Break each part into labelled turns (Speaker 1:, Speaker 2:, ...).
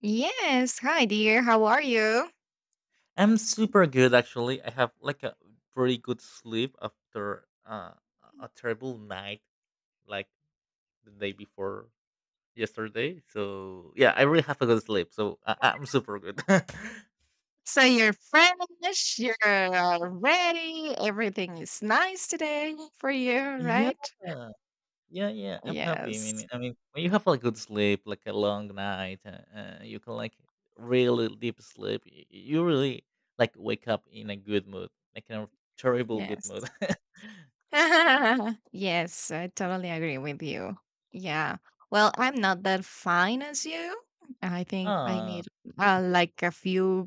Speaker 1: Yes. Hi, dear. How are you?
Speaker 2: I'm super good actually. I have like a pretty good sleep after a terrible night like the day before yesterday. So yeah, I really have a good sleep. So I'm super good.
Speaker 1: So you're fresh, you're ready, everything is nice today for you,
Speaker 2: Yeah,
Speaker 1: right?
Speaker 2: yeah, yeah. I'm happy. I
Speaker 1: Yes.
Speaker 2: mean, I mean, when you have like good sleep, like a long night, you can like really deep sleep. You really like wake up in a good mood, like in a terrible good
Speaker 1: Yes.
Speaker 2: mood.
Speaker 1: Yes, I totally agree with you. Yeah. Well, I'm not that fine as you. I think I
Speaker 2: Ah,
Speaker 1: need like a few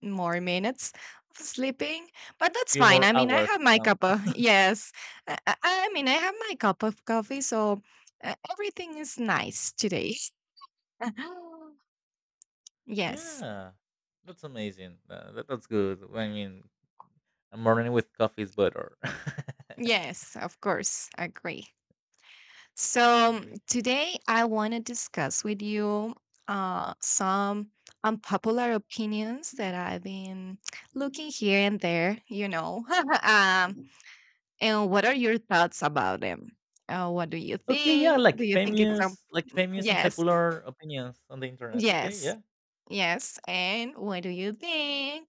Speaker 1: more minutes of sleeping, but that's
Speaker 2: few
Speaker 1: fine.
Speaker 2: more
Speaker 1: I mean, I
Speaker 2: hours.
Speaker 1: have my cup of yes. I mean, I have my cup of coffee, so everything is nice today. Yes,
Speaker 2: Yeah, that's amazing. That's good. I mean, a morning with coffee is better. I
Speaker 1: yes, of course, agree. So
Speaker 2: agree.
Speaker 1: today I want to discuss with you some unpopular opinions that I've been looking here and there. Um, And what are your thoughts about them? What do you
Speaker 2: Okay, yeah,
Speaker 1: think? Do you think it's some.
Speaker 2: like famous and
Speaker 1: Yes,
Speaker 2: popular opinions on the internet. Okay,
Speaker 1: yes,
Speaker 2: yeah,
Speaker 1: yes. And what do you think?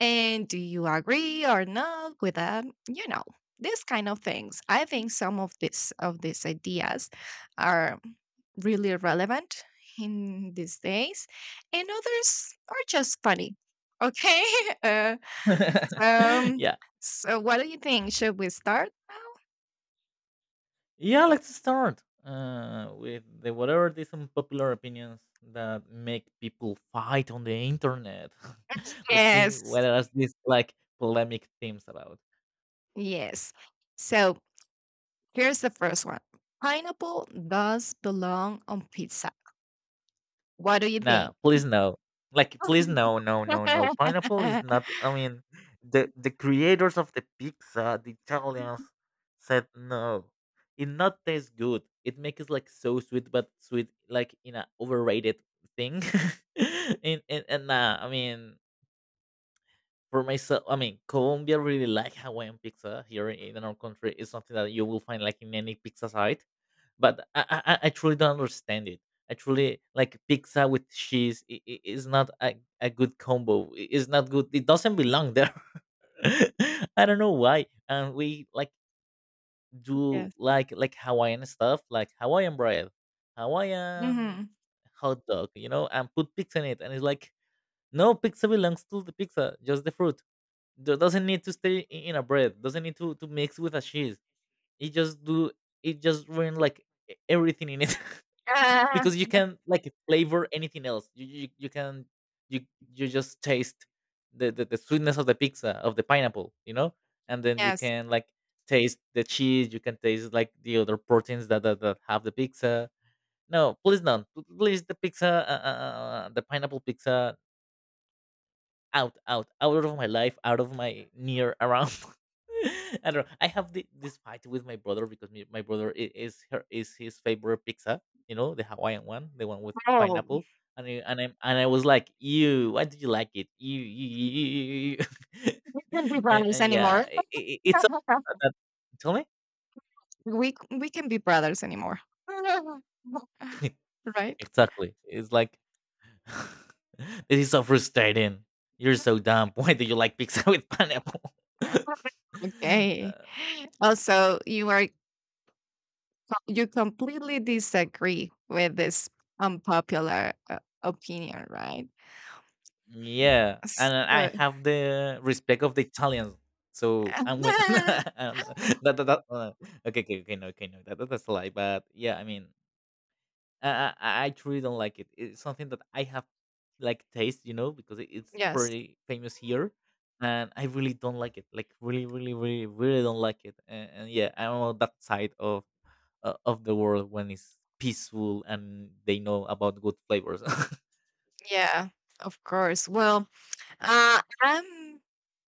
Speaker 1: And do you agree or not with that? These kind of things. I think some of these ideas are really relevant in these days, and others are just funny. Okay. Uh, um.
Speaker 2: yeah,
Speaker 1: So, what do you think? Should we start now?
Speaker 2: yeah. Let's start with the whatever these unpopular opinions that make people fight on the internet. Let's see
Speaker 1: Yes.
Speaker 2: what are these like polemic themes about.
Speaker 1: Yes. So here's the first one. Pineapple does belong on pizza. What do you think?
Speaker 2: No, please no. Like please no, no, no, no. Pineapple is not, I mean, the creators of the pizza, the Italians said no. It not tastes good. It makes like so sweet, but sweet like in a overrated thing. And nah, I mean, for myself, I mean, Colombia really like Hawaiian pizza here in our country. It's something that you will find like in any pizza site, but I truly don't understand it. I truly like pizza with cheese is not a, a good combo. It's not good. It doesn't belong there. I don't know why. And we like do
Speaker 1: Yes.
Speaker 2: like Hawaiian stuff, like Hawaiian bread, Hawaiian
Speaker 1: Hmm.
Speaker 2: hot dog, you know, and put pizza in it. And it's like, no, pizza belongs to the pizza, just the fruit doesn't need to stay in a bread, doesn't need to mix with a cheese. It just do, it just ruin like everything in it
Speaker 1: Ah,
Speaker 2: because you can like flavor anything else you can, you you just taste the, the sweetness of the pizza of the pineapple, you know, and then you
Speaker 1: yes.
Speaker 2: can like taste the cheese, you can taste like the other proteins that that have the pizza. No, please don't, please, the pizza the pineapple pizza, out, out, out of my life, out of my near around. I don't know. I have the, this fight with my brother because me, my brother is his favorite pizza. You know, the Hawaiian one, the one with
Speaker 1: Oh,
Speaker 2: pineapple. And I was like, "You, why do you like it? You,"
Speaker 1: we can be brothers
Speaker 2: and yeah,
Speaker 1: anymore.
Speaker 2: I it's something that, tell me.
Speaker 1: We can be brothers anymore. Right?
Speaker 2: Exactly. It's like this is so frustrating. You're so dumb. Why do you like pizza with pineapple?
Speaker 1: Okay.
Speaker 2: uh,
Speaker 1: Also, you completely disagree with this unpopular opinion, right?
Speaker 2: Yeah, and I
Speaker 1: So,
Speaker 2: have the respect of the Italians. So I'm with and that okay, okay, okay, no, okay, no, that's a lie. But yeah, I mean, I truly don't like it. It's something that I have like taste, you know, because it's
Speaker 1: yes.
Speaker 2: pretty famous here, and I really don't like it. Like really, really, really, really don't like it. And yeah, I'm on that side of the world when it's peaceful and they know about good flavors.
Speaker 1: Yeah, of course. Uh, I'm,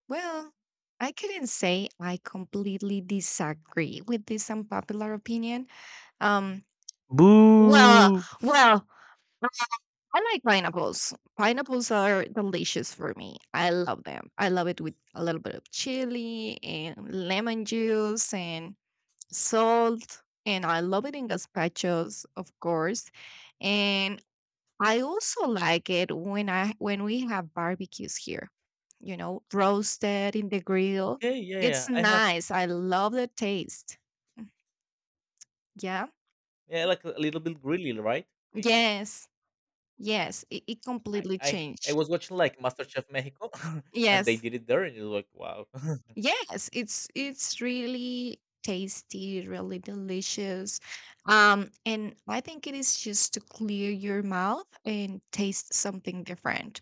Speaker 1: well, I couldn't say I completely disagree with this unpopular opinion. Um, well,
Speaker 2: Boo!
Speaker 1: well, I like pineapples. Pineapples are delicious for me. I love them. I love it with a little bit of chili and lemon juice and salt. And I love it in gazpachos, of course. And I also like it when I when we have barbecues here, roasted in the grill.
Speaker 2: Okay, yeah,
Speaker 1: It's
Speaker 2: yeah. I have
Speaker 1: nice. I love the taste. Yeah.
Speaker 2: yeah, like a little bit grilly, right? I
Speaker 1: Yes.
Speaker 2: I
Speaker 1: Yes. It completely
Speaker 2: I
Speaker 1: changed.
Speaker 2: was watching like MasterChef Mexico, and they
Speaker 1: Yes.
Speaker 2: did it there, and it was like, wow.
Speaker 1: Yes. It's really tasty, really delicious. And I think it is just to clear your mouth and taste something different.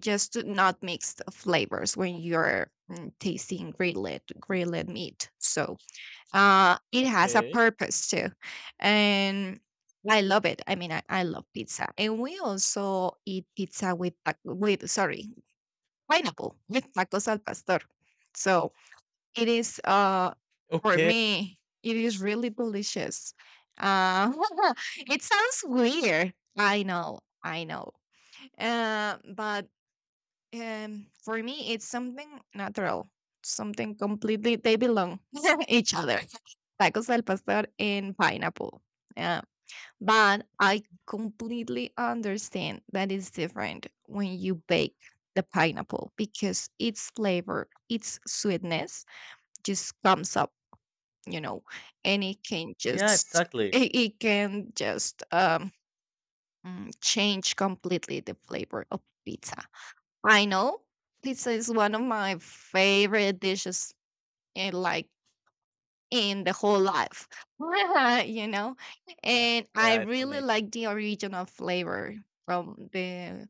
Speaker 1: Just to not mix the flavors when you're tasting grilled meat. So it has a
Speaker 2: Okay,
Speaker 1: purpose too, and I love it. I mean, I love pizza, and we also eat pizza with sorry, pineapple with tacos al pastor. So it is for
Speaker 2: okay,
Speaker 1: me it is really delicious. Uh, it sounds weird. I know, I know. But for me, it's something natural, something completely, they belong each other. Tacos al pastor and pineapple. Yeah. But I completely understand that it's different when you bake the pineapple because its flavor, its sweetness just comes up, you know, and it can
Speaker 2: yeah,
Speaker 1: just
Speaker 2: exactly.
Speaker 1: change completely the flavor of pizza. I know pizza is one of my favorite dishes in like in the whole life. You know?
Speaker 2: Uh,
Speaker 1: And I
Speaker 2: yeah, it's
Speaker 1: really
Speaker 2: amazing.
Speaker 1: like the original flavor from the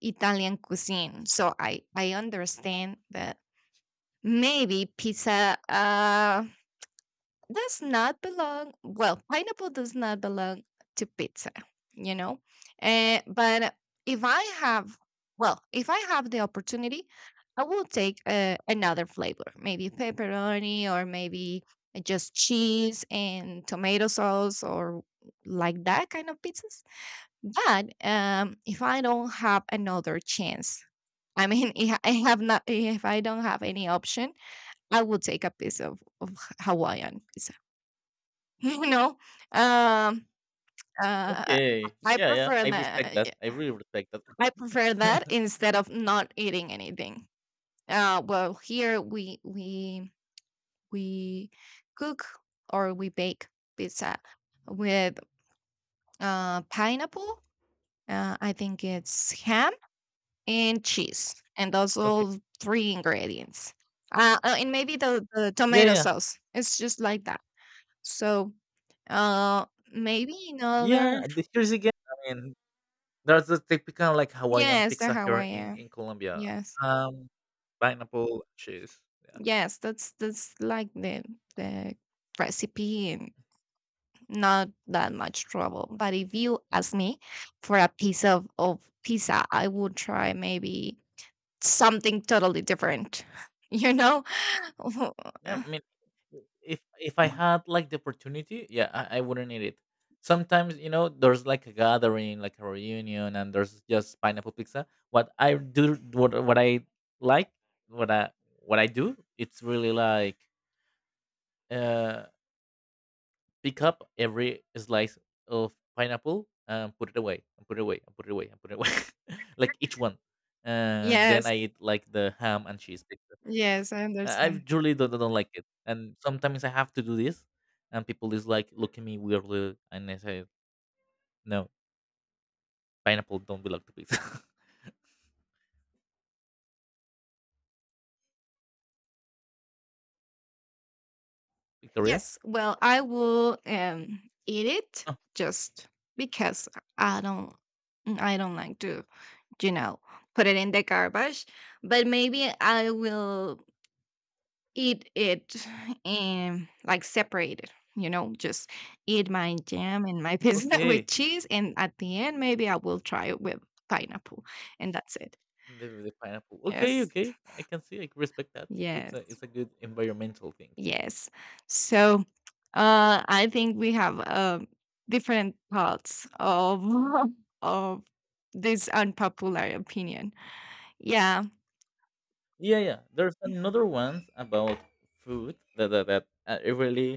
Speaker 1: Italian cuisine. So I understand that maybe pizza does not belong, well, pineapple does not belong to pizza, you know and but if I have well, if I have the opportunity, I will take another flavor, maybe pepperoni, or maybe just cheese and tomato sauce, or like that kind of pizzas. But if I don't have another chance, I mean, if I don't have any option, I will take a piece of Hawaiian pizza. You know, um, uh,
Speaker 2: Okay,
Speaker 1: I
Speaker 2: yeah, yeah.
Speaker 1: prefer
Speaker 2: I respect
Speaker 1: that.
Speaker 2: that. I really respect that.
Speaker 1: I prefer that instead of not eating anything. Well, here we cook or we bake pizza with pineapple. I think it's ham and cheese, and those
Speaker 2: Okay,
Speaker 1: all three ingredients. And maybe the
Speaker 2: yeah,
Speaker 1: tomato
Speaker 2: yeah,
Speaker 1: sauce. It's just like that. So uh, maybe in other.
Speaker 2: yeah. The, here's again. I mean, that's the typical like Hawaiian
Speaker 1: Yes, the
Speaker 2: pizza here
Speaker 1: Hawaiian.
Speaker 2: in Colombia.
Speaker 1: Yes.
Speaker 2: Um, pineapple cheese. Yeah.
Speaker 1: Yes, that's like the recipe, and not that much trouble. But if you ask me for a piece of pizza, I would try maybe something totally different. You know?
Speaker 2: Yeah, I mean, if I had like the opportunity, yeah, I wouldn't eat it. Sometimes you know there's like a gathering, like a reunion, and there's just pineapple pizza. What I do, like, what I what I do, it's really like uh pick up every slice of pineapple and put it away and put it away and put it away and put it away like each one and then
Speaker 1: Yes.
Speaker 2: I eat like the ham and cheese pizza.
Speaker 1: Yes, I
Speaker 2: I
Speaker 1: understand.
Speaker 2: truly don't like it, and sometimes I have to do this and people is like look at me weirdly and I say no, pineapple don't belong to pizza. Victoria,
Speaker 1: Yes, well, I will eat it
Speaker 2: oh,
Speaker 1: just because I don't I don't like to, you know, put it in the garbage, but maybe I will eat it and like separated, just eat my jam and my pizza with
Speaker 2: okay,
Speaker 1: cheese. And at the end, maybe I will try it with pineapple, and that's it.
Speaker 2: the pineapple, okay,
Speaker 1: Yes.
Speaker 2: okay, I can see, I can respect that. It's a,
Speaker 1: Yes.
Speaker 2: it's a good environmental thing.
Speaker 1: Yes. So I think we have different parts of, of this unpopular opinion. Yeah.
Speaker 2: Yeah, yeah. There's another one about food that it really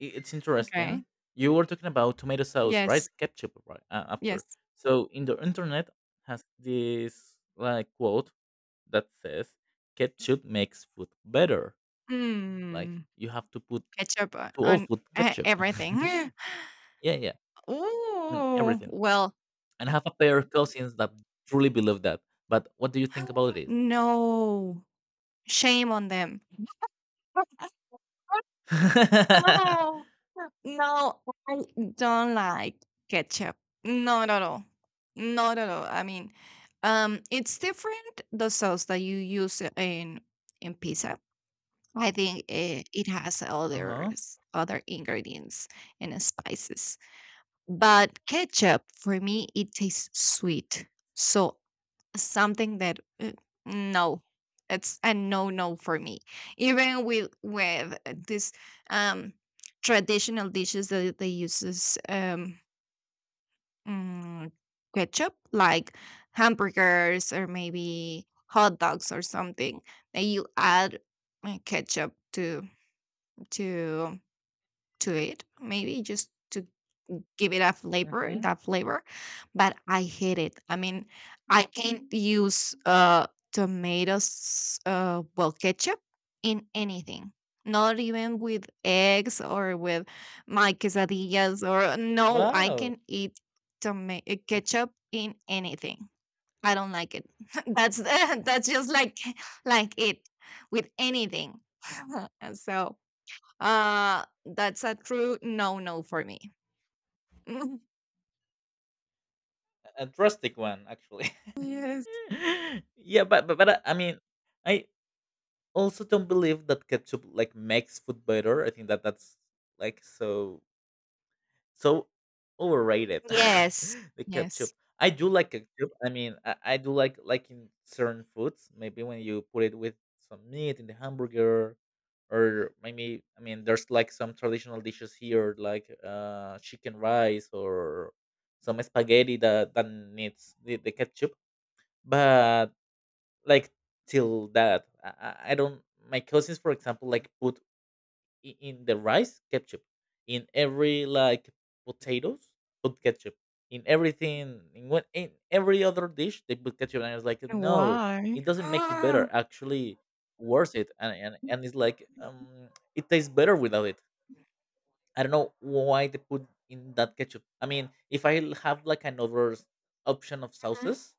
Speaker 2: it's interesting.
Speaker 1: Okay.
Speaker 2: You were talking about tomato sauce, right?
Speaker 1: Yes.
Speaker 2: Ketchup, right? After.
Speaker 1: Yes.
Speaker 2: So in the internet has this like quote that says ketchup makes food better. Like
Speaker 1: Mm,
Speaker 2: you have to put
Speaker 1: ketchup on
Speaker 2: to all
Speaker 1: on
Speaker 2: food
Speaker 1: e
Speaker 2: ketchup.
Speaker 1: everything.
Speaker 2: Yeah, yeah, and
Speaker 1: Oh
Speaker 2: everything.
Speaker 1: well,
Speaker 2: And I have a pair of cousins that truly believe that. But what do you think about this?
Speaker 1: no, shame on them. No, no, I don't like ketchup. Not at all. Not at all. I mean, it's different the sauce that you use in pizza. I think it has
Speaker 2: Uh
Speaker 1: other
Speaker 2: huh.
Speaker 1: other ingredients and spices. But ketchup, for me, it tastes sweet. So something that no, it's a no no for me. Even with this um traditional dishes that they uses mm, ketchup, like hamburgers or maybe hot dogs or something, that you add ketchup to to it, maybe just to give it a flavor,
Speaker 2: Hmm.
Speaker 1: that flavor, but I hate it. I mean, I can't use tomatoes, well, ketchup in anything. Not even with eggs or with my quesadillas, or no, I
Speaker 2: Wow.
Speaker 1: can eat tomato ketchup in anything. I don't like it. That's that's just like it with anything. And so that's a true no no for me.
Speaker 2: A drastic one actually.
Speaker 1: Yes.
Speaker 2: Yeah, but but I mean, I also don't believe that ketchup like makes food better. I think that that's like so overrated
Speaker 1: Yes,
Speaker 2: the ketchup.
Speaker 1: yes.
Speaker 2: I do like ketchup, I mean, I do like in certain foods, maybe when you put it with some meat in the hamburger or maybe, I mean, there's like some traditional dishes here like chicken rice or some spaghetti that, that needs the ketchup, but like till that I don't. My cousins for example like put in the rice ketchup, in every like potatoes put ketchup in everything, in what in every other dish they put ketchup, and I was like no,
Speaker 1: Why?
Speaker 2: it doesn't make it better, actually worse it, and it's like it tastes better without it. I don't know why they put in that ketchup. I mean, if I have like another option of sauces,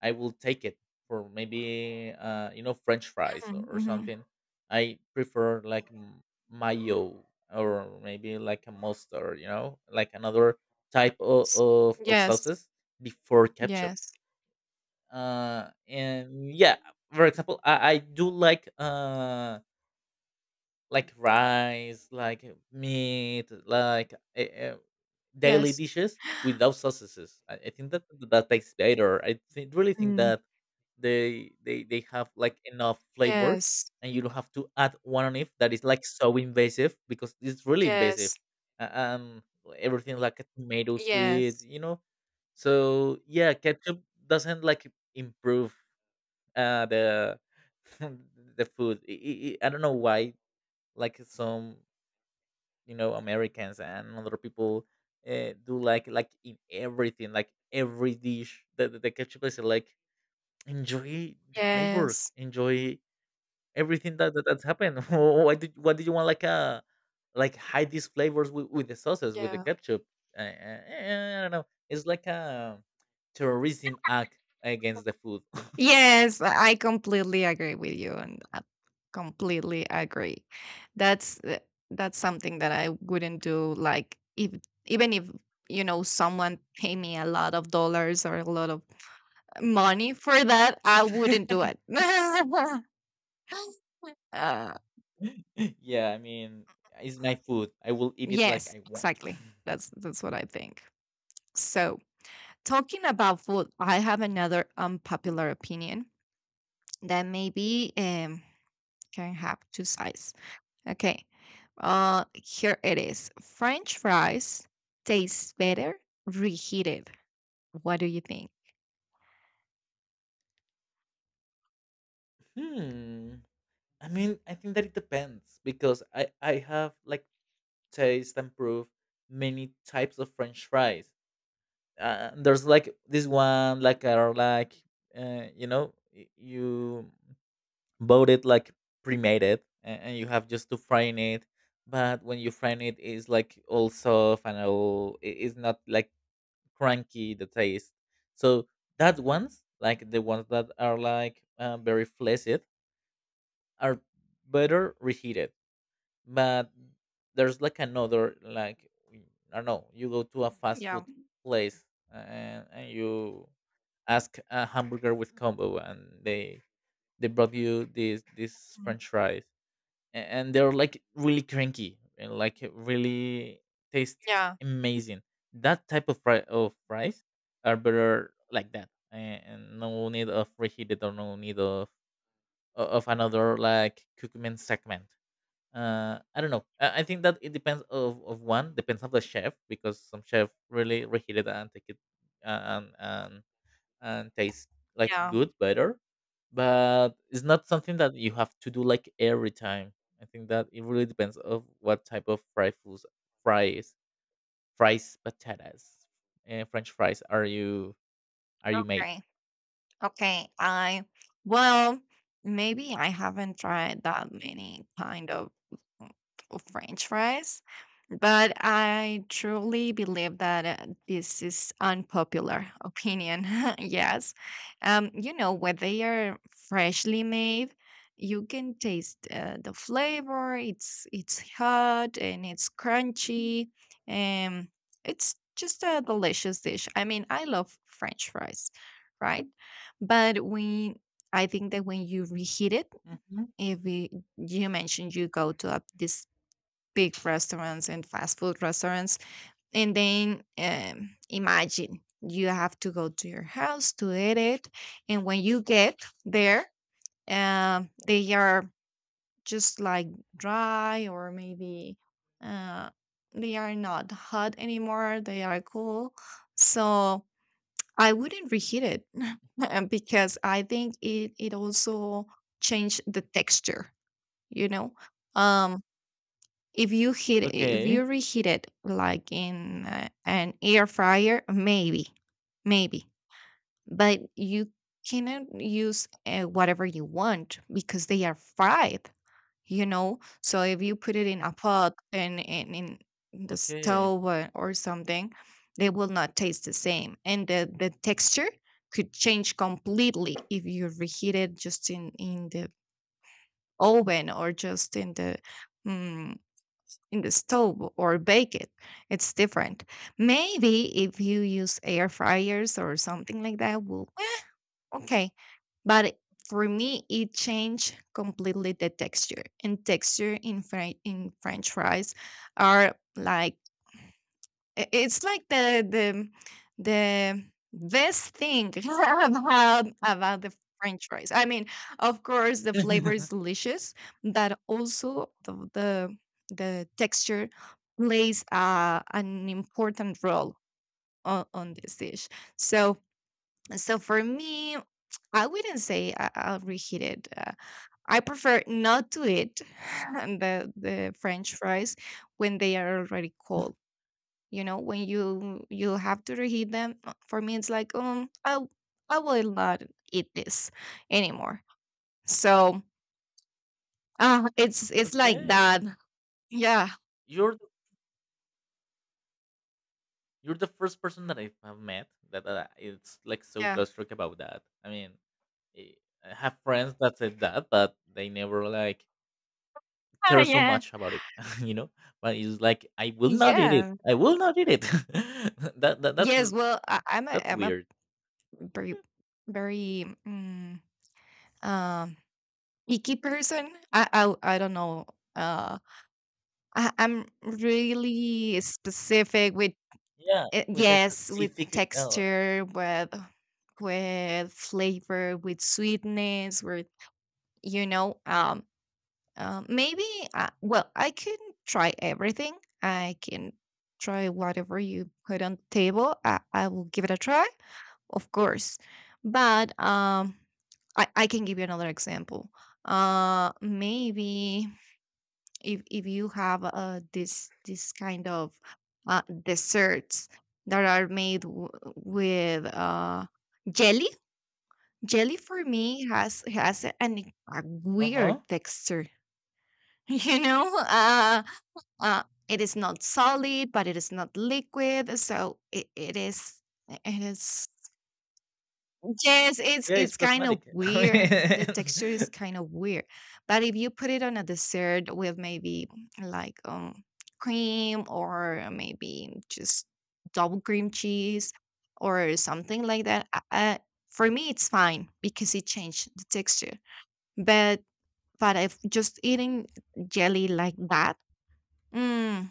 Speaker 2: I will take it for maybe you know French fries
Speaker 1: Ah, mhm,
Speaker 2: or
Speaker 1: mhm, mhm.
Speaker 2: something. I prefer like mayo or maybe like a mustard, you know, like another type
Speaker 1: S
Speaker 2: of
Speaker 1: Yes,
Speaker 2: sauces before ketchup.
Speaker 1: yes,
Speaker 2: And yeah, for example, I do like rice, like meat, like daily
Speaker 1: yes.
Speaker 2: dishes without sauces. I think that that tastes better. I think, really think
Speaker 1: Mm.
Speaker 2: that they have like enough flavor,
Speaker 1: Yes,
Speaker 2: and you don't have to add one on it that is like so invasive because it's really invasive.
Speaker 1: yes,
Speaker 2: Uh, Um, Everything like a tomato sweet,
Speaker 1: yes,
Speaker 2: you know. So yeah, ketchup doesn't like improve the the food. I don't know why like some you know Americans and other people do like in everything, like every dish. The ketchup is like enjoy the flavors,
Speaker 1: yes,
Speaker 2: enjoy everything that, that that's happened. Why did what did you want like a like hide these flavors with the sauces with the
Speaker 1: yeah.
Speaker 2: ketchup? I don't know. It's like a terrorism act against the food.
Speaker 1: Yes, I completely agree with you, and I completely agree. That's uh, that's something that I wouldn't do, like, if even if, you know, someone pay me a lot of dollars or a lot of money for that, I wouldn't do it. Uh,
Speaker 2: Yeah, I mean, it's my food. I will eat it like
Speaker 1: yes,
Speaker 2: I want.
Speaker 1: exactly. That's what I think. So, talking about food, I have another unpopular opinion that maybe can have two sides. Okay. Here it is. French fries taste better reheated. What do you think?
Speaker 2: Hmm. I mean, I think that it depends because I have like taste and proof many types of French fries. There's like this one like are like you know you bought it like pre-made it and you have just to fry in it. But when you fry in it, it's like all soft and all. It's not like cranky the taste. So that ones like the ones that are like very fleshy are better reheated. But there's like another like I don't know. You go to a fast
Speaker 1: Yeah.
Speaker 2: food place and you ask a hamburger with combo, and they brought you this
Speaker 1: Mm.
Speaker 2: French fries, and they're like really cranky and like really taste
Speaker 1: Yeah.
Speaker 2: amazing. That type of fries are better like that, and no need of reheated or no need of of another like cookman segment, I don't know. I think that it depends of one, depends of the chef because some chef really reheat it and take it and and and taste like
Speaker 1: Yeah.
Speaker 2: good better, but it's not something that you have to do like every time. I think that it really depends of what type of fried foods, fries, patatas, and French fries are you made?
Speaker 1: Great. Okay, I well, maybe I haven't tried that many kind mm, of French fries, but I truly believe that this is unpopular opinion. Yes, you know when they are freshly made, you can taste the flavor. It's hot and it's crunchy, and it's just a delicious dish. I mean, I love French fries, right? But when I think that when you reheat it,
Speaker 2: Mhm.
Speaker 1: if it, you mentioned you go to up these big restaurants and fast food restaurants, and then imagine you have to go to your house to eat it, and when you get there, they are just like dry, or maybe uh, they are not hot anymore. They are cool, so I wouldn't reheat it because I think it also changed the texture, you know. Um if you
Speaker 2: Okay,
Speaker 1: reheat it like in an air fryer, maybe. Maybe. But you cannot use whatever you want because they are fried, so if you put it in a pot and in the
Speaker 2: okay,
Speaker 1: stove, or something, they will not taste the same, and the texture could change completely if you reheat it just in the oven, or just in mm, the stove, or bake it. It's different maybe if you use air fryers or something like that will. Okay. But for me, it changed completely the texture. And texture in French fries are like it's like the best thing about the French fries. I mean, of course, the flavor is delicious, but also the texture plays an important role on this dish. So so for me, I wouldn't say I'll reheat it. I prefer not to eat the French fries when they are already cold. When you have to reheat them. For me, it's like I will not eat this anymore. So it's like
Speaker 2: okay.
Speaker 1: that. Yeah,
Speaker 2: You're you're the first person that I've met that it's like so
Speaker 1: yeah.
Speaker 2: drastic about that. I mean, eh, I have friends that said that, but they never like
Speaker 1: Ah,
Speaker 2: care so
Speaker 1: yeah,
Speaker 2: much about it, you know. But it's like I will not eat it.
Speaker 1: yeah.
Speaker 2: I will not eat it. That, that
Speaker 1: Yes. Well, I, I'm a
Speaker 2: that's
Speaker 1: I'm a
Speaker 2: weird.
Speaker 1: very, very um icky person. I don't know. Uh, I'm really specific with
Speaker 2: Yeah, with a
Speaker 1: yes, with
Speaker 2: specific. Uh
Speaker 1: texture, with flavor, with sweetness, with you know, um, maybe well, I can try everything. I can try whatever you put on the table. I will give it a try, of course. But I can give you another example. Maybe if you have this kind of desserts that are made with jelly. Jelly for me has a weird
Speaker 2: huh.
Speaker 1: texture. you know uh it is not solid, but it is not liquid, so it is. Yes, it's
Speaker 2: Yeah, it's
Speaker 1: it's kind of
Speaker 2: plasmatic.
Speaker 1: weird. The texture is kind of weird. But if you put it on a dessert with maybe like cream or maybe just double cream cheese or something like that, for me it's fine because it changed the texture. But but if just eating jelly like that, mm,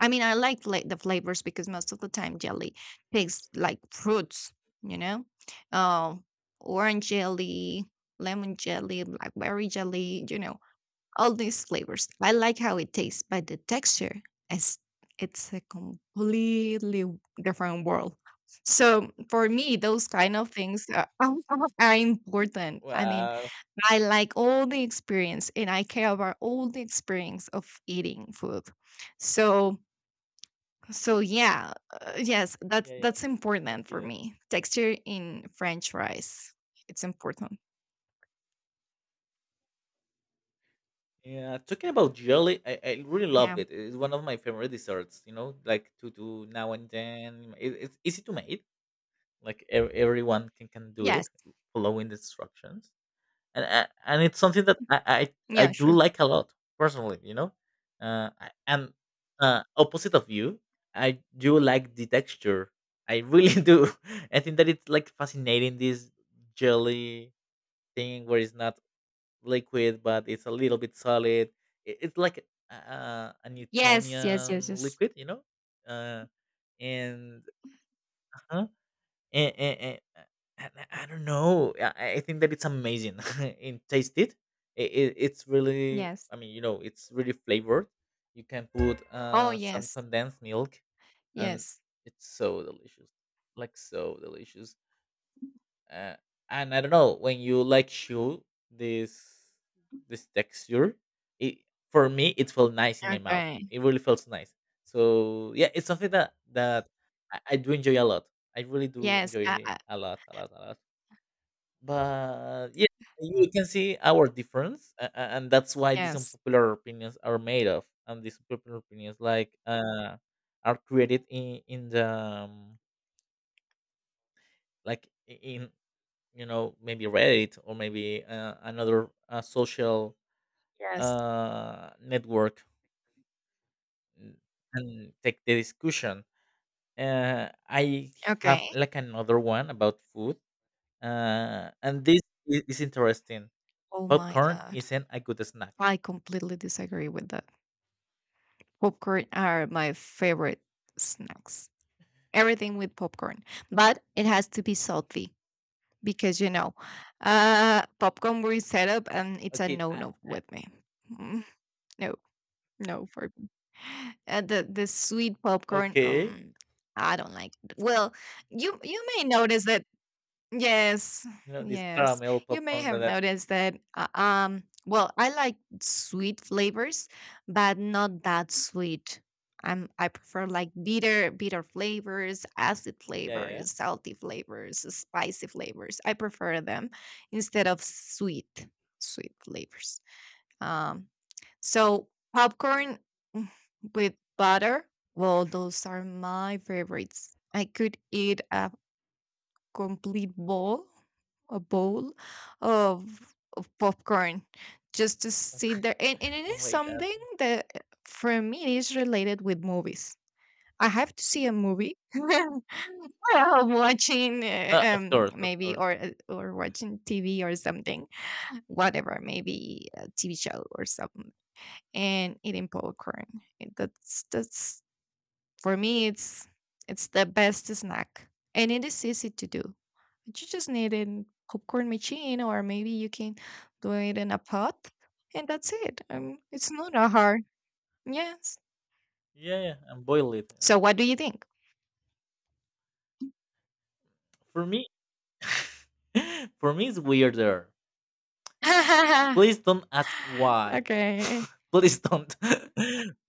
Speaker 1: I mean, I like the flavors because most of the time jelly tastes like fruits, you know, uh, orange jelly, lemon jelly, blackberry jelly, you know, all these flavors. I like how it tastes, but the texture is it's a completely different world. So for me, those kind of things are, are important. I mean,
Speaker 2: wow.
Speaker 1: I like all the experience and I care about all the experience of eating food. So so yeah, yes, that's
Speaker 2: Yeah, yeah.
Speaker 1: that's
Speaker 2: I can
Speaker 1: important
Speaker 2: see
Speaker 1: for
Speaker 2: that.
Speaker 1: me. Texture in French fries, it's important.
Speaker 2: Yeah, talking about jelly, I really love
Speaker 1: Yeah.
Speaker 2: it. It's one of my favorite desserts. You know, like to do now and then. It's easy to make. Like everyone can do it,
Speaker 1: Yes.
Speaker 2: following the instructions. And it's something that I
Speaker 1: Yeah.
Speaker 2: do
Speaker 1: Sure.
Speaker 2: like a lot personally. You know, I- and Opposite of you, I do like the texture. I really do. I think that it's like fascinating this jelly thing where it's not liquid, but it's a little bit solid. It's like a
Speaker 1: Yes. Yes. Yes.
Speaker 2: Newtonian
Speaker 1: Yes.
Speaker 2: liquid, you know. Uh, and uh and, and, and uh, and I don't know. I think that it's amazing. And taste it. It's really.
Speaker 1: Yes.
Speaker 2: You know, it's really flavored. You can put
Speaker 1: Oh,
Speaker 2: some
Speaker 1: yes.
Speaker 2: condensed milk, and
Speaker 1: Yes.
Speaker 2: it's so delicious. Like so delicious uh, and I don't know when you like chew this this texture. It for me it felt nice in my mouth.
Speaker 1: Okay.
Speaker 2: It really felt nice. So yeah, it's something that I do enjoy a lot. I really do
Speaker 1: Yes.
Speaker 2: enjoy a lot, a lot, a lot. But yeah, you can see our difference, and that's why these
Speaker 1: Yes.
Speaker 2: unpopular opinions are made of, and these popular opinions are created in the like I- in you know, maybe Reddit or maybe another social
Speaker 1: Yes.
Speaker 2: network mm, and take the discussion I have
Speaker 1: Okay.
Speaker 2: like another one about food uh, and this is interesting.
Speaker 1: Oh my
Speaker 2: Popcorn
Speaker 1: god,
Speaker 2: isn't a good snack.
Speaker 1: I completely disagree with that. Popcorn are my favorite snacks. Everything with popcorn, but it has to be salty. Because you know, popcorn were set up, and it's a
Speaker 2: okay
Speaker 1: no
Speaker 2: I,
Speaker 1: no with me. Mm, No, no for me. The sweet popcorn,
Speaker 2: okay,
Speaker 1: I don't like. Well, you may notice that yes,
Speaker 2: you know this
Speaker 1: yes.
Speaker 2: caramel
Speaker 1: You may
Speaker 2: popcorn that,
Speaker 1: have
Speaker 2: that
Speaker 1: noticed that, well, I like sweet flavors, but not that sweet. I prefer like bitter flavors, acid
Speaker 2: yeah yeah.
Speaker 1: flavors, salty flavors, spicy flavors. I prefer them instead of sweet flavors. Um, so popcorn mm, with butter, well, those are my favorites. I could eat a complete bowl, a bowl of popcorn just to sit there. And it
Speaker 2: Oh
Speaker 1: is
Speaker 2: my god.
Speaker 1: something that for me is related with movies. I have to see a movie well, watching
Speaker 2: Of course, of
Speaker 1: maybe
Speaker 2: course.
Speaker 1: or watching TV or something, whatever, maybe a TV show or something, and eating popcorn. And that's for me, it's the best snack, and it is easy to do. You just need a popcorn machine, or maybe you can do it in a pot, and that's it. It's not a hard. Yes.
Speaker 2: Yeah, yeah, and boil it,
Speaker 1: So, what do you think?
Speaker 2: for me. For me it's weirder. Please don't ask why.
Speaker 1: Okay.
Speaker 2: Please don't.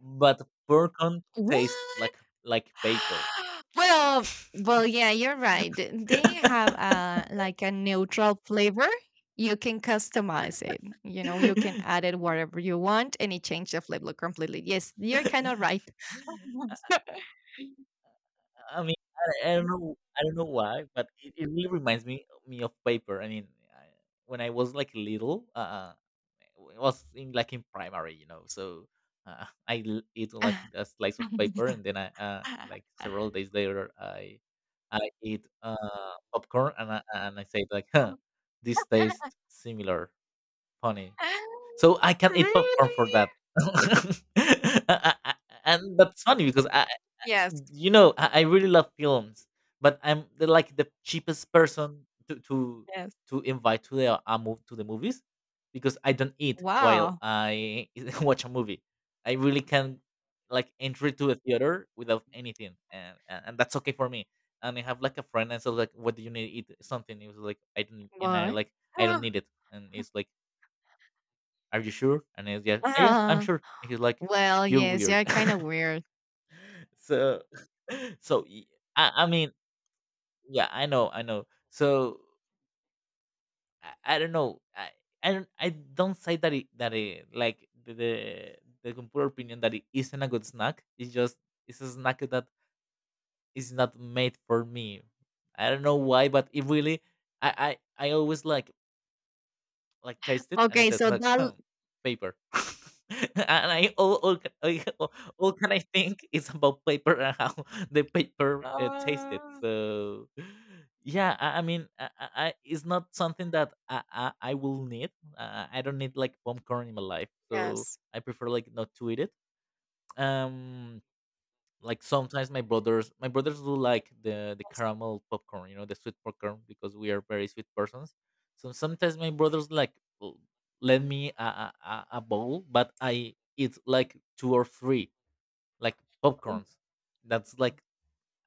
Speaker 2: But popcorn tastes
Speaker 1: What?
Speaker 2: like paper.
Speaker 1: Well, well, yeah, you're right. They have a like a neutral flavor. You can customize it. You know, you can add it whatever you want, and it changes the flavor completely. Yes, you're kind of right.
Speaker 2: I mean, I don't know, I don't know why, but it really reminds me of paper. I mean, I, when I was like little, it was in like in primary, you know. So I eat like a slice of paper, and then I like several days later, I eat popcorn, and I say like, huh, this tastes similar, funny. So I can eat popcorn for
Speaker 1: Really?
Speaker 2: that. I- I- I- and that's funny because
Speaker 1: Yes.
Speaker 2: you know, I really love films, but I'm like the cheapest person to to
Speaker 1: Yes.
Speaker 2: to invite to the a move to the movies because I don't eat while
Speaker 1: Wow.
Speaker 2: I watch a movie. I really can like enter to a theater without anything, and, and that's okay for me. And I have like a friend, and so like, what do you need to eat? Something. It was like I don't, and I
Speaker 1: Why?
Speaker 2: like I don't need it, and it's like, are you sure? And it's yeah,
Speaker 1: Huh.
Speaker 2: "Oh, yeah, I'm
Speaker 1: Ah.
Speaker 2: sure." And he's like,
Speaker 1: Well,
Speaker 2: you're
Speaker 1: yes,
Speaker 2: weird.
Speaker 1: yeah, kind of weird.
Speaker 2: So so I mean yeah, I know, I know. So I don't know. I don't say that it like the computer opinion that it isn't a good snack. It's just it's a snack that is not made for me. I don't know why, but it really I always like taste it and I
Speaker 1: Okay,
Speaker 2: said
Speaker 1: so
Speaker 2: like
Speaker 1: that.
Speaker 2: hmm, paper. and I all, ca- I- All can I think is about paper and how the paper tasted.
Speaker 1: Uh,
Speaker 2: So yeah, it's not something that I will need, I don't need like popcorn in my life, so
Speaker 1: yes.
Speaker 2: I prefer like not to eat it. um like sometimes my brothers do like the caramel popcorn, you know, the sweet popcorn because we are very sweet persons. So sometimes my brothers like lend me a bowl, but I eat like two or three like popcorns. That's like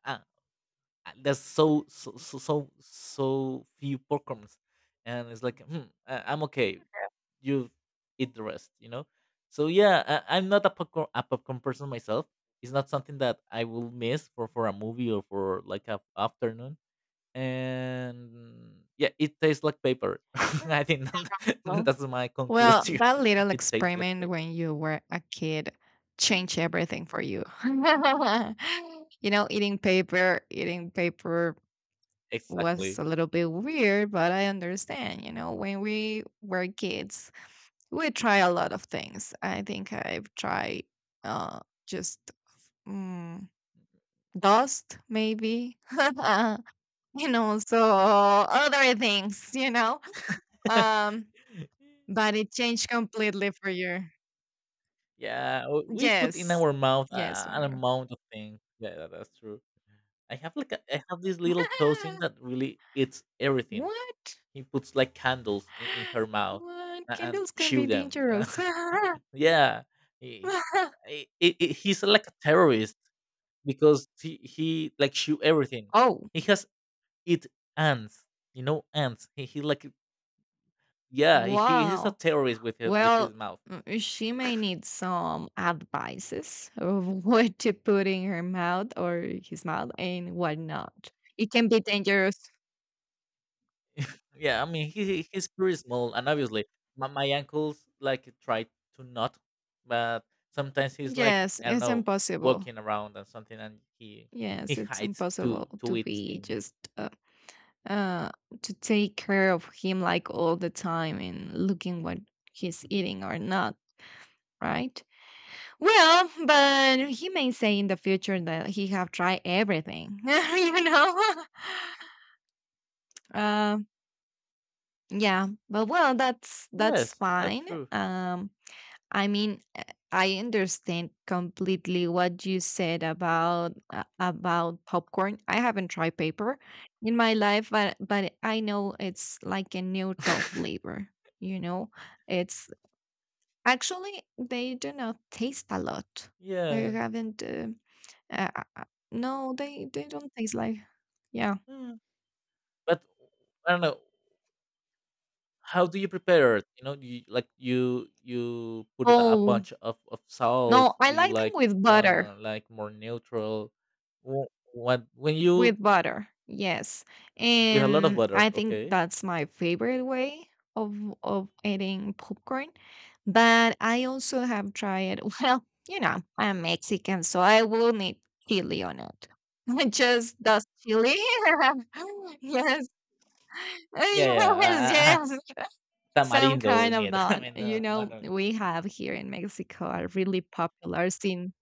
Speaker 2: uh, that's so so so so so few popcorns, and it's like hmm, I- I'm okay, you eat the rest, you know? So yeah, I, I'm not a popcorn person myself. It's not something that I will miss for a movie or for like a afternoon. And yeah, it tastes like paper.
Speaker 1: Yes.
Speaker 2: I think that-
Speaker 1: Oh.
Speaker 2: that's my
Speaker 1: Well,
Speaker 2: conclusion.
Speaker 1: that little
Speaker 2: It tastes like
Speaker 1: experiment
Speaker 2: paper.
Speaker 1: when you were a kid changed everything for you. You know, eating paper was
Speaker 2: Exactly.
Speaker 1: a little bit weird, but I understand. You know, when we were kids, we try a lot of things. I think I've tried uh, just mm, dust, maybe, you know, so other things, you know, um, but it changed completely for you.
Speaker 2: Yeah, we put in
Speaker 1: Yes.
Speaker 2: our mouth
Speaker 1: Yes.
Speaker 2: an
Speaker 1: Uh,
Speaker 2: amount of things. Yeah, that- that's true. I have like I have this little cousin that really eats everything.
Speaker 1: what?
Speaker 2: He puts like candles in her mouth
Speaker 1: What?
Speaker 2: and
Speaker 1: Candles can
Speaker 2: shoot
Speaker 1: be
Speaker 2: them.
Speaker 1: dangerous.
Speaker 2: Yeah, he, he he's like a terrorist because he like shoot everything.
Speaker 1: Oh,
Speaker 2: He has eat ants, you know, ants. He like yeah, he's a
Speaker 1: wow.
Speaker 2: terrorist with with his
Speaker 1: Well,
Speaker 2: mouth.
Speaker 1: she may need some advices of what to put in her mouth or his mouth and what not. It can be dangerous.
Speaker 2: Yeah, I mean he's pretty small, and obviously my uncles like try to not, but sometimes he's like
Speaker 1: Yes,
Speaker 2: I don't
Speaker 1: it's
Speaker 2: know
Speaker 1: impossible.
Speaker 2: walking around and something, and he
Speaker 1: Yes, it's
Speaker 2: hides
Speaker 1: impossible
Speaker 2: to
Speaker 1: to
Speaker 2: eat
Speaker 1: be
Speaker 2: things.
Speaker 1: just uh, to take care of him like all the time and looking what he's eating or not right. Well, but he may say in the future that he have tried everything, you know. Um, yeah, but well, that's
Speaker 2: Yes, that's
Speaker 1: fine.
Speaker 2: true.
Speaker 1: Um, I mean, I understand completely what you said about popcorn. I haven't tried paper in my life, but I know it's like a neutral flavor. You know, it's actually they do not taste a lot. I
Speaker 2: Yeah.
Speaker 1: haven't. Uh, uh, uh, no, they don't taste like. Yeah.
Speaker 2: Mm. But I don't know. How do you prepare it? You know, you like you put it a
Speaker 1: Oh,
Speaker 2: bunch of salt.
Speaker 1: no, I
Speaker 2: Do you
Speaker 1: like them with butter.
Speaker 2: like more neutral? Wh- When you
Speaker 1: With butter, yes.
Speaker 2: with a lot of
Speaker 1: And
Speaker 2: water,
Speaker 1: I think
Speaker 2: okay?
Speaker 1: that's my favorite way of of eating popcorn. But I also have tried, well, you know, I'm Mexican, so I will need chili on it. Just dust chili. Yes.
Speaker 2: Yeah, yeah. Uh,
Speaker 1: Yes, yes. Some
Speaker 2: Tamarindo
Speaker 1: kind
Speaker 2: in
Speaker 1: of
Speaker 2: it. I
Speaker 1: that.
Speaker 2: mean,
Speaker 1: You
Speaker 2: no, no,
Speaker 1: know,
Speaker 2: no, no.
Speaker 1: we have here in Mexico a really popular scene.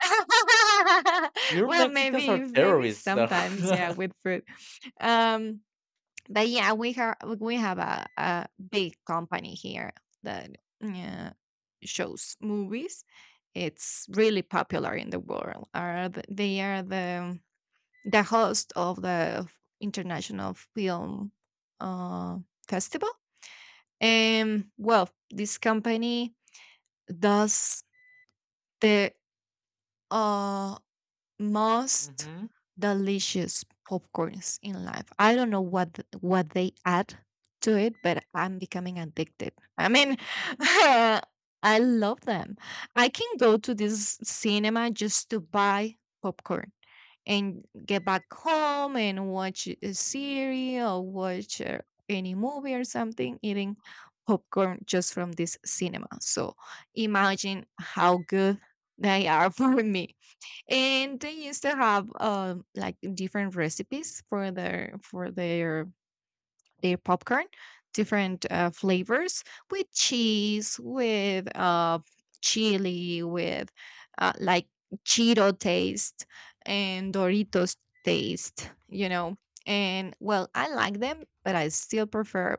Speaker 2: Your
Speaker 1: Well,
Speaker 2: Mexicans are
Speaker 1: maybe maybe
Speaker 2: terrorists. So.
Speaker 1: sometimes, yeah, with fruit. Um, but yeah, we have a big company here that uh, shows movies. It's really popular in the world. Are the, they are the host of the international film uh, festival? Well, this company does the uh, most
Speaker 2: Hmm.
Speaker 1: delicious popcorns in life. I don't know what what they add to it, but I'm becoming addicted. I mean, I love them. I can go to this cinema just to buy popcorn and get back home and watch a series or watch any movie or something eating popcorn just from this cinema. So imagine how good they are for me. And they used to have like different recipes for their popcorn, different flavors, with cheese, with chili, with like cheeto taste and doritos taste, you know. And well, I like them, but I still prefer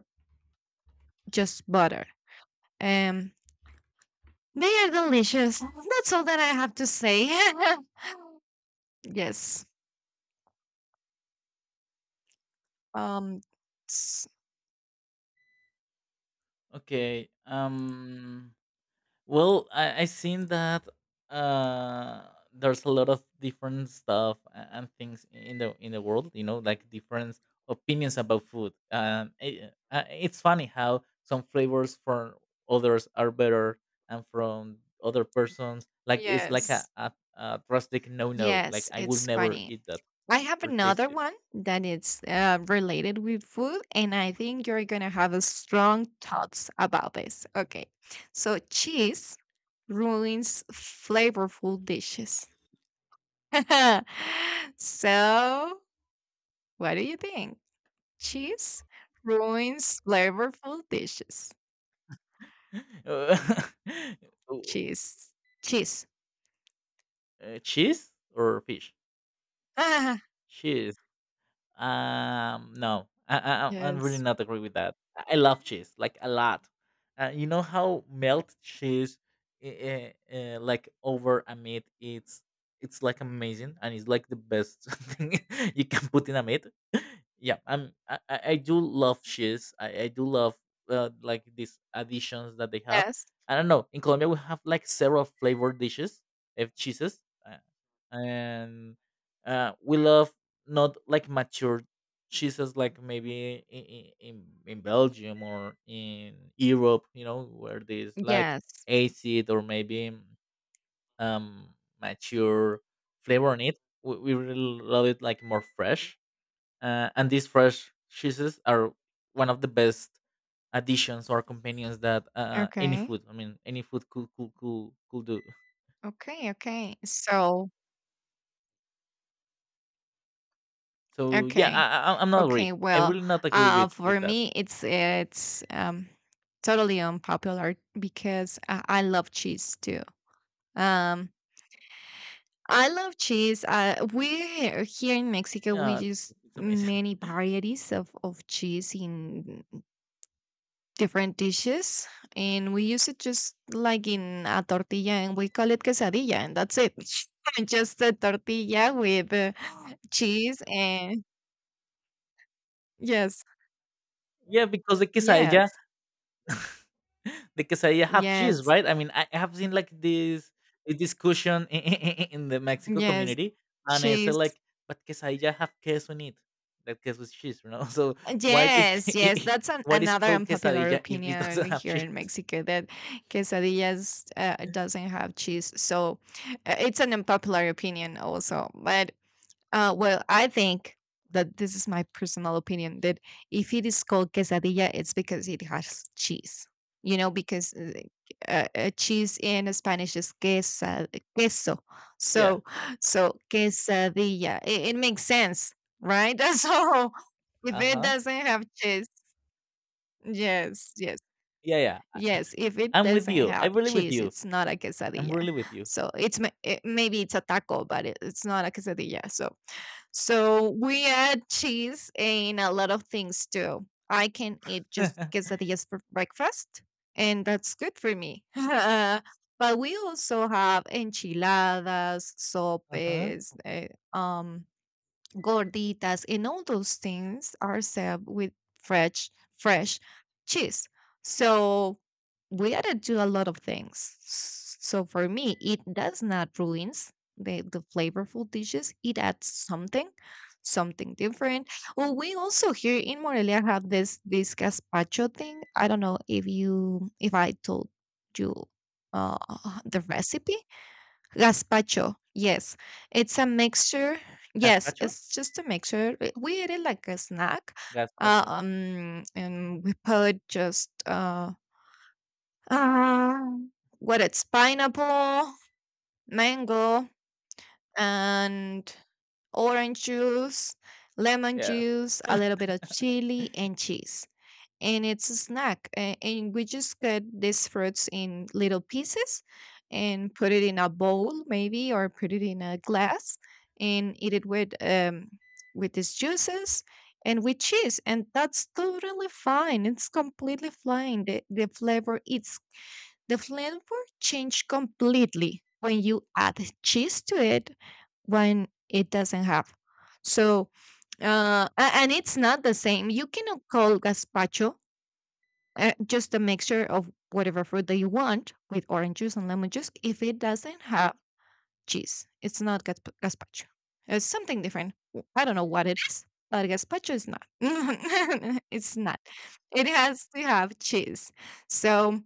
Speaker 1: just butter. Um, they are delicious. That's all that I have to say. Yes. Um. s-
Speaker 2: Okay. Well, I seen that uh there's a lot of different stuff and things in the world, you know, like different opinions about food. It's funny how some flavors for others are better and from other persons like it's like
Speaker 1: Yes.
Speaker 2: a drastic no no. Like
Speaker 1: Yes,
Speaker 2: I will
Speaker 1: it's
Speaker 2: never
Speaker 1: funny.
Speaker 2: eat that
Speaker 1: I have
Speaker 2: or taste
Speaker 1: another
Speaker 2: it.
Speaker 1: one that is related with food, and I think you're gonna have a strong thoughts about this. Okay, so cheese ruins flavorful dishes. So, what do you think? Cheese ruins flavorful dishes.
Speaker 2: Uh,
Speaker 1: Cheese, cheese.
Speaker 2: cheese or fish?
Speaker 1: Ah,
Speaker 2: No, I'm really
Speaker 1: yes,
Speaker 2: not agree with that. I love cheese like a lot. You know how melt cheese, like over a meat, it's like amazing and it's like the best thing you can put in a meat. Yeah, I do love cheese. I do love like these additions that they have.
Speaker 1: yes,
Speaker 2: I don't know. In Colombia, we have like several flavored dishes, cheeses. Eh, and we love not like mature cheeses like maybe in Belgium or in Europe, you know, where there's like
Speaker 1: yes.
Speaker 2: acid or maybe um mature flavor in it. We really love it like more fresh, and these fresh cheeses are one of the best additions or companions that any
Speaker 1: Okay,
Speaker 2: food, I mean, any food could do.
Speaker 1: okay. So.
Speaker 2: So yeah,
Speaker 1: Okay.
Speaker 2: I'm not agree.
Speaker 1: Okay.
Speaker 2: I
Speaker 1: Well,
Speaker 2: really not agree with
Speaker 1: for
Speaker 2: that.
Speaker 1: me, it's totally unpopular because I love cheese too. Um, I love cheese. We here in Mexico
Speaker 2: Yeah,
Speaker 1: we
Speaker 2: that's-
Speaker 1: use
Speaker 2: it's amazing.
Speaker 1: many varieties of cheese in different dishes, and we use it just like in a tortilla, and we call it quesadilla, and that's it. Just a tortilla with cheese and yes,
Speaker 2: Yeah, because the quesadilla,
Speaker 1: yes.
Speaker 2: the quesadilla have cheese,
Speaker 1: Yes,
Speaker 2: right? I mean, I have seen like this discussion in, in the Mexico
Speaker 1: yes,
Speaker 2: community, and I said
Speaker 1: cheese.
Speaker 2: like, but quesadilla have queso in it, that queso is cheese, you know. So why
Speaker 1: Yes, yes,
Speaker 2: it
Speaker 1: that's
Speaker 2: what is
Speaker 1: another
Speaker 2: called
Speaker 1: unpopular
Speaker 2: quesadilla if it
Speaker 1: opinion
Speaker 2: doesn't have
Speaker 1: here in
Speaker 2: cheese?
Speaker 1: Mexico that quesadillas doesn't have cheese. So it's an unpopular opinion also. But Well, I think that this is my personal opinion that if it is called quesadilla, it's because it has cheese. You know, because cheese in Spanish is queso.
Speaker 2: Yeah.
Speaker 1: So, so quesadilla. It makes sense, right? So, if
Speaker 2: Uh
Speaker 1: it
Speaker 2: huh.
Speaker 1: doesn't have cheese, yes, yes,
Speaker 2: Yeah, yeah.
Speaker 1: yes. If it
Speaker 2: I'm with
Speaker 1: doesn't
Speaker 2: you.
Speaker 1: have
Speaker 2: I'm really with
Speaker 1: cheese,
Speaker 2: you.
Speaker 1: it's not a
Speaker 2: I'm
Speaker 1: quesadilla.
Speaker 2: really with you.
Speaker 1: So maybe it's a taco, but it's not a quesadilla. So we add cheese in a lot of things too. I can eat
Speaker 2: Uh
Speaker 1: just quesadillas for breakfast, and that's good for me. But we also have enchiladas,
Speaker 2: huh.
Speaker 1: sopes, eh, um, gorditas, and all those things are served with fresh fresh cheese. So we had to do a lot of things. So for me it does not ruins the flavorful dishes. It adds something different. Well, we also here in Morelia have this gazpacho thing. I don't know if you if I told you uh the recipe. Gazpacho, yes. It's a mixture. Yes,
Speaker 2: Gazpacho.
Speaker 1: it's just a mixture. We eat it like a snack.
Speaker 2: Gazpacho.
Speaker 1: And we put just uh, what it's pineapple, mango, and orange juice, lemon
Speaker 2: Yeah.
Speaker 1: juice, a little bit of chili, and cheese. And it's a snack. And we just cut these fruits in little pieces and put it in a bowl, maybe, or put it in a glass and eat it with these juices and with cheese. And that's totally fine. It's completely fine. The flavor it's the flavor change completely when you add cheese to it when it doesn't have. So and it's not the same. You cannot call gazpacho just a mixture of whatever fruit that you want with orange juice and lemon juice. If it doesn't have cheese, it's not gazpacho. It's something different. I don't know what it is, but gazpacho is not it's not, it has to have cheese. So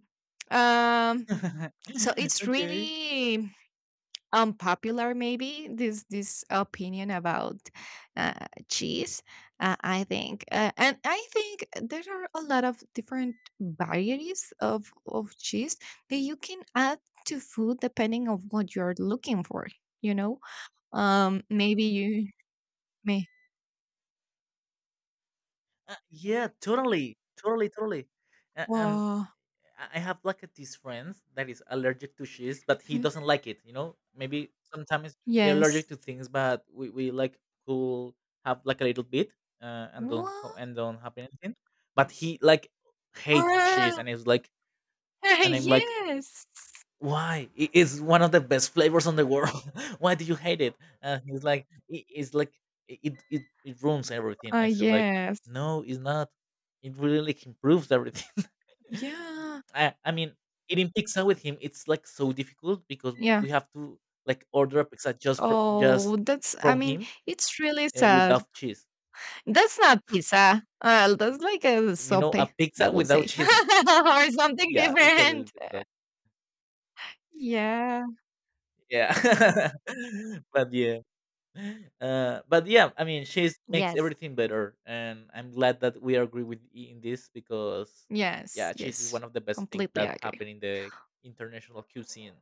Speaker 1: um, so it's
Speaker 2: okay.
Speaker 1: really unpopular maybe this opinion about uh, cheese. I think and I think there are a lot of different varieties of cheese that you can add to food depending on what you're looking for, you know. Um, maybe you may.
Speaker 2: Yeah, totally, totally, totally. A- Um,
Speaker 1: Oh,
Speaker 2: I have like this friend that is allergic to cheese, but he doesn't like it. You know, maybe sometimes we're
Speaker 1: yes.
Speaker 2: allergic to things, but we like cool have like a little bit, and don't
Speaker 1: What?
Speaker 2: have anything. But he like hates cheese, and it's like, and I'm like,
Speaker 1: Yes.
Speaker 2: why it's one of the best flavors on the world. Why do you hate it? And he's like it's like it ruins everything." I said like
Speaker 1: Yes.
Speaker 2: no it's not, it really like improves everything.
Speaker 1: Yeah,
Speaker 2: I mean eating pizza with him it's like so difficult because
Speaker 1: yeah.
Speaker 2: we have to like order a pizza just
Speaker 1: Oh,
Speaker 2: just
Speaker 1: well, that's I
Speaker 2: from
Speaker 1: mean,
Speaker 2: him,
Speaker 1: it's really sad.
Speaker 2: without cheese,
Speaker 1: That's not pizza. That's like a
Speaker 2: you know,
Speaker 1: sope,
Speaker 2: a
Speaker 1: I
Speaker 2: pizza
Speaker 1: would
Speaker 2: without
Speaker 1: say.
Speaker 2: cheese.
Speaker 1: Or something
Speaker 2: Yeah, it's a little
Speaker 1: different.
Speaker 2: bit bad.
Speaker 1: Yeah.
Speaker 2: Yeah. But yeah, but yeah, I mean, she makes
Speaker 1: Yes.
Speaker 2: everything better, and I'm glad that we agree with E in this because
Speaker 1: Yes.
Speaker 2: yeah, cheese is
Speaker 1: Yes.
Speaker 2: one of the best things
Speaker 1: Completely
Speaker 2: that
Speaker 1: agree.
Speaker 2: happen in the international cuisine,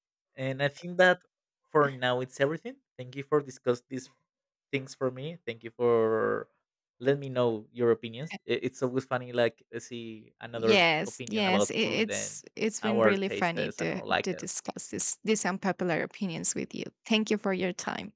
Speaker 2: and I think that for now it's everything. Thank you for discuss these things for me. Thank you for let me know your opinions.
Speaker 1: Uh,
Speaker 2: It's always funny, like see another
Speaker 1: Yes,
Speaker 2: opinion
Speaker 1: yes,
Speaker 2: about food and
Speaker 1: it's been
Speaker 2: our
Speaker 1: really
Speaker 2: tastes
Speaker 1: funny
Speaker 2: and our
Speaker 1: to
Speaker 2: likes.
Speaker 1: discuss this these unpopular opinions with you. Thank you for your time.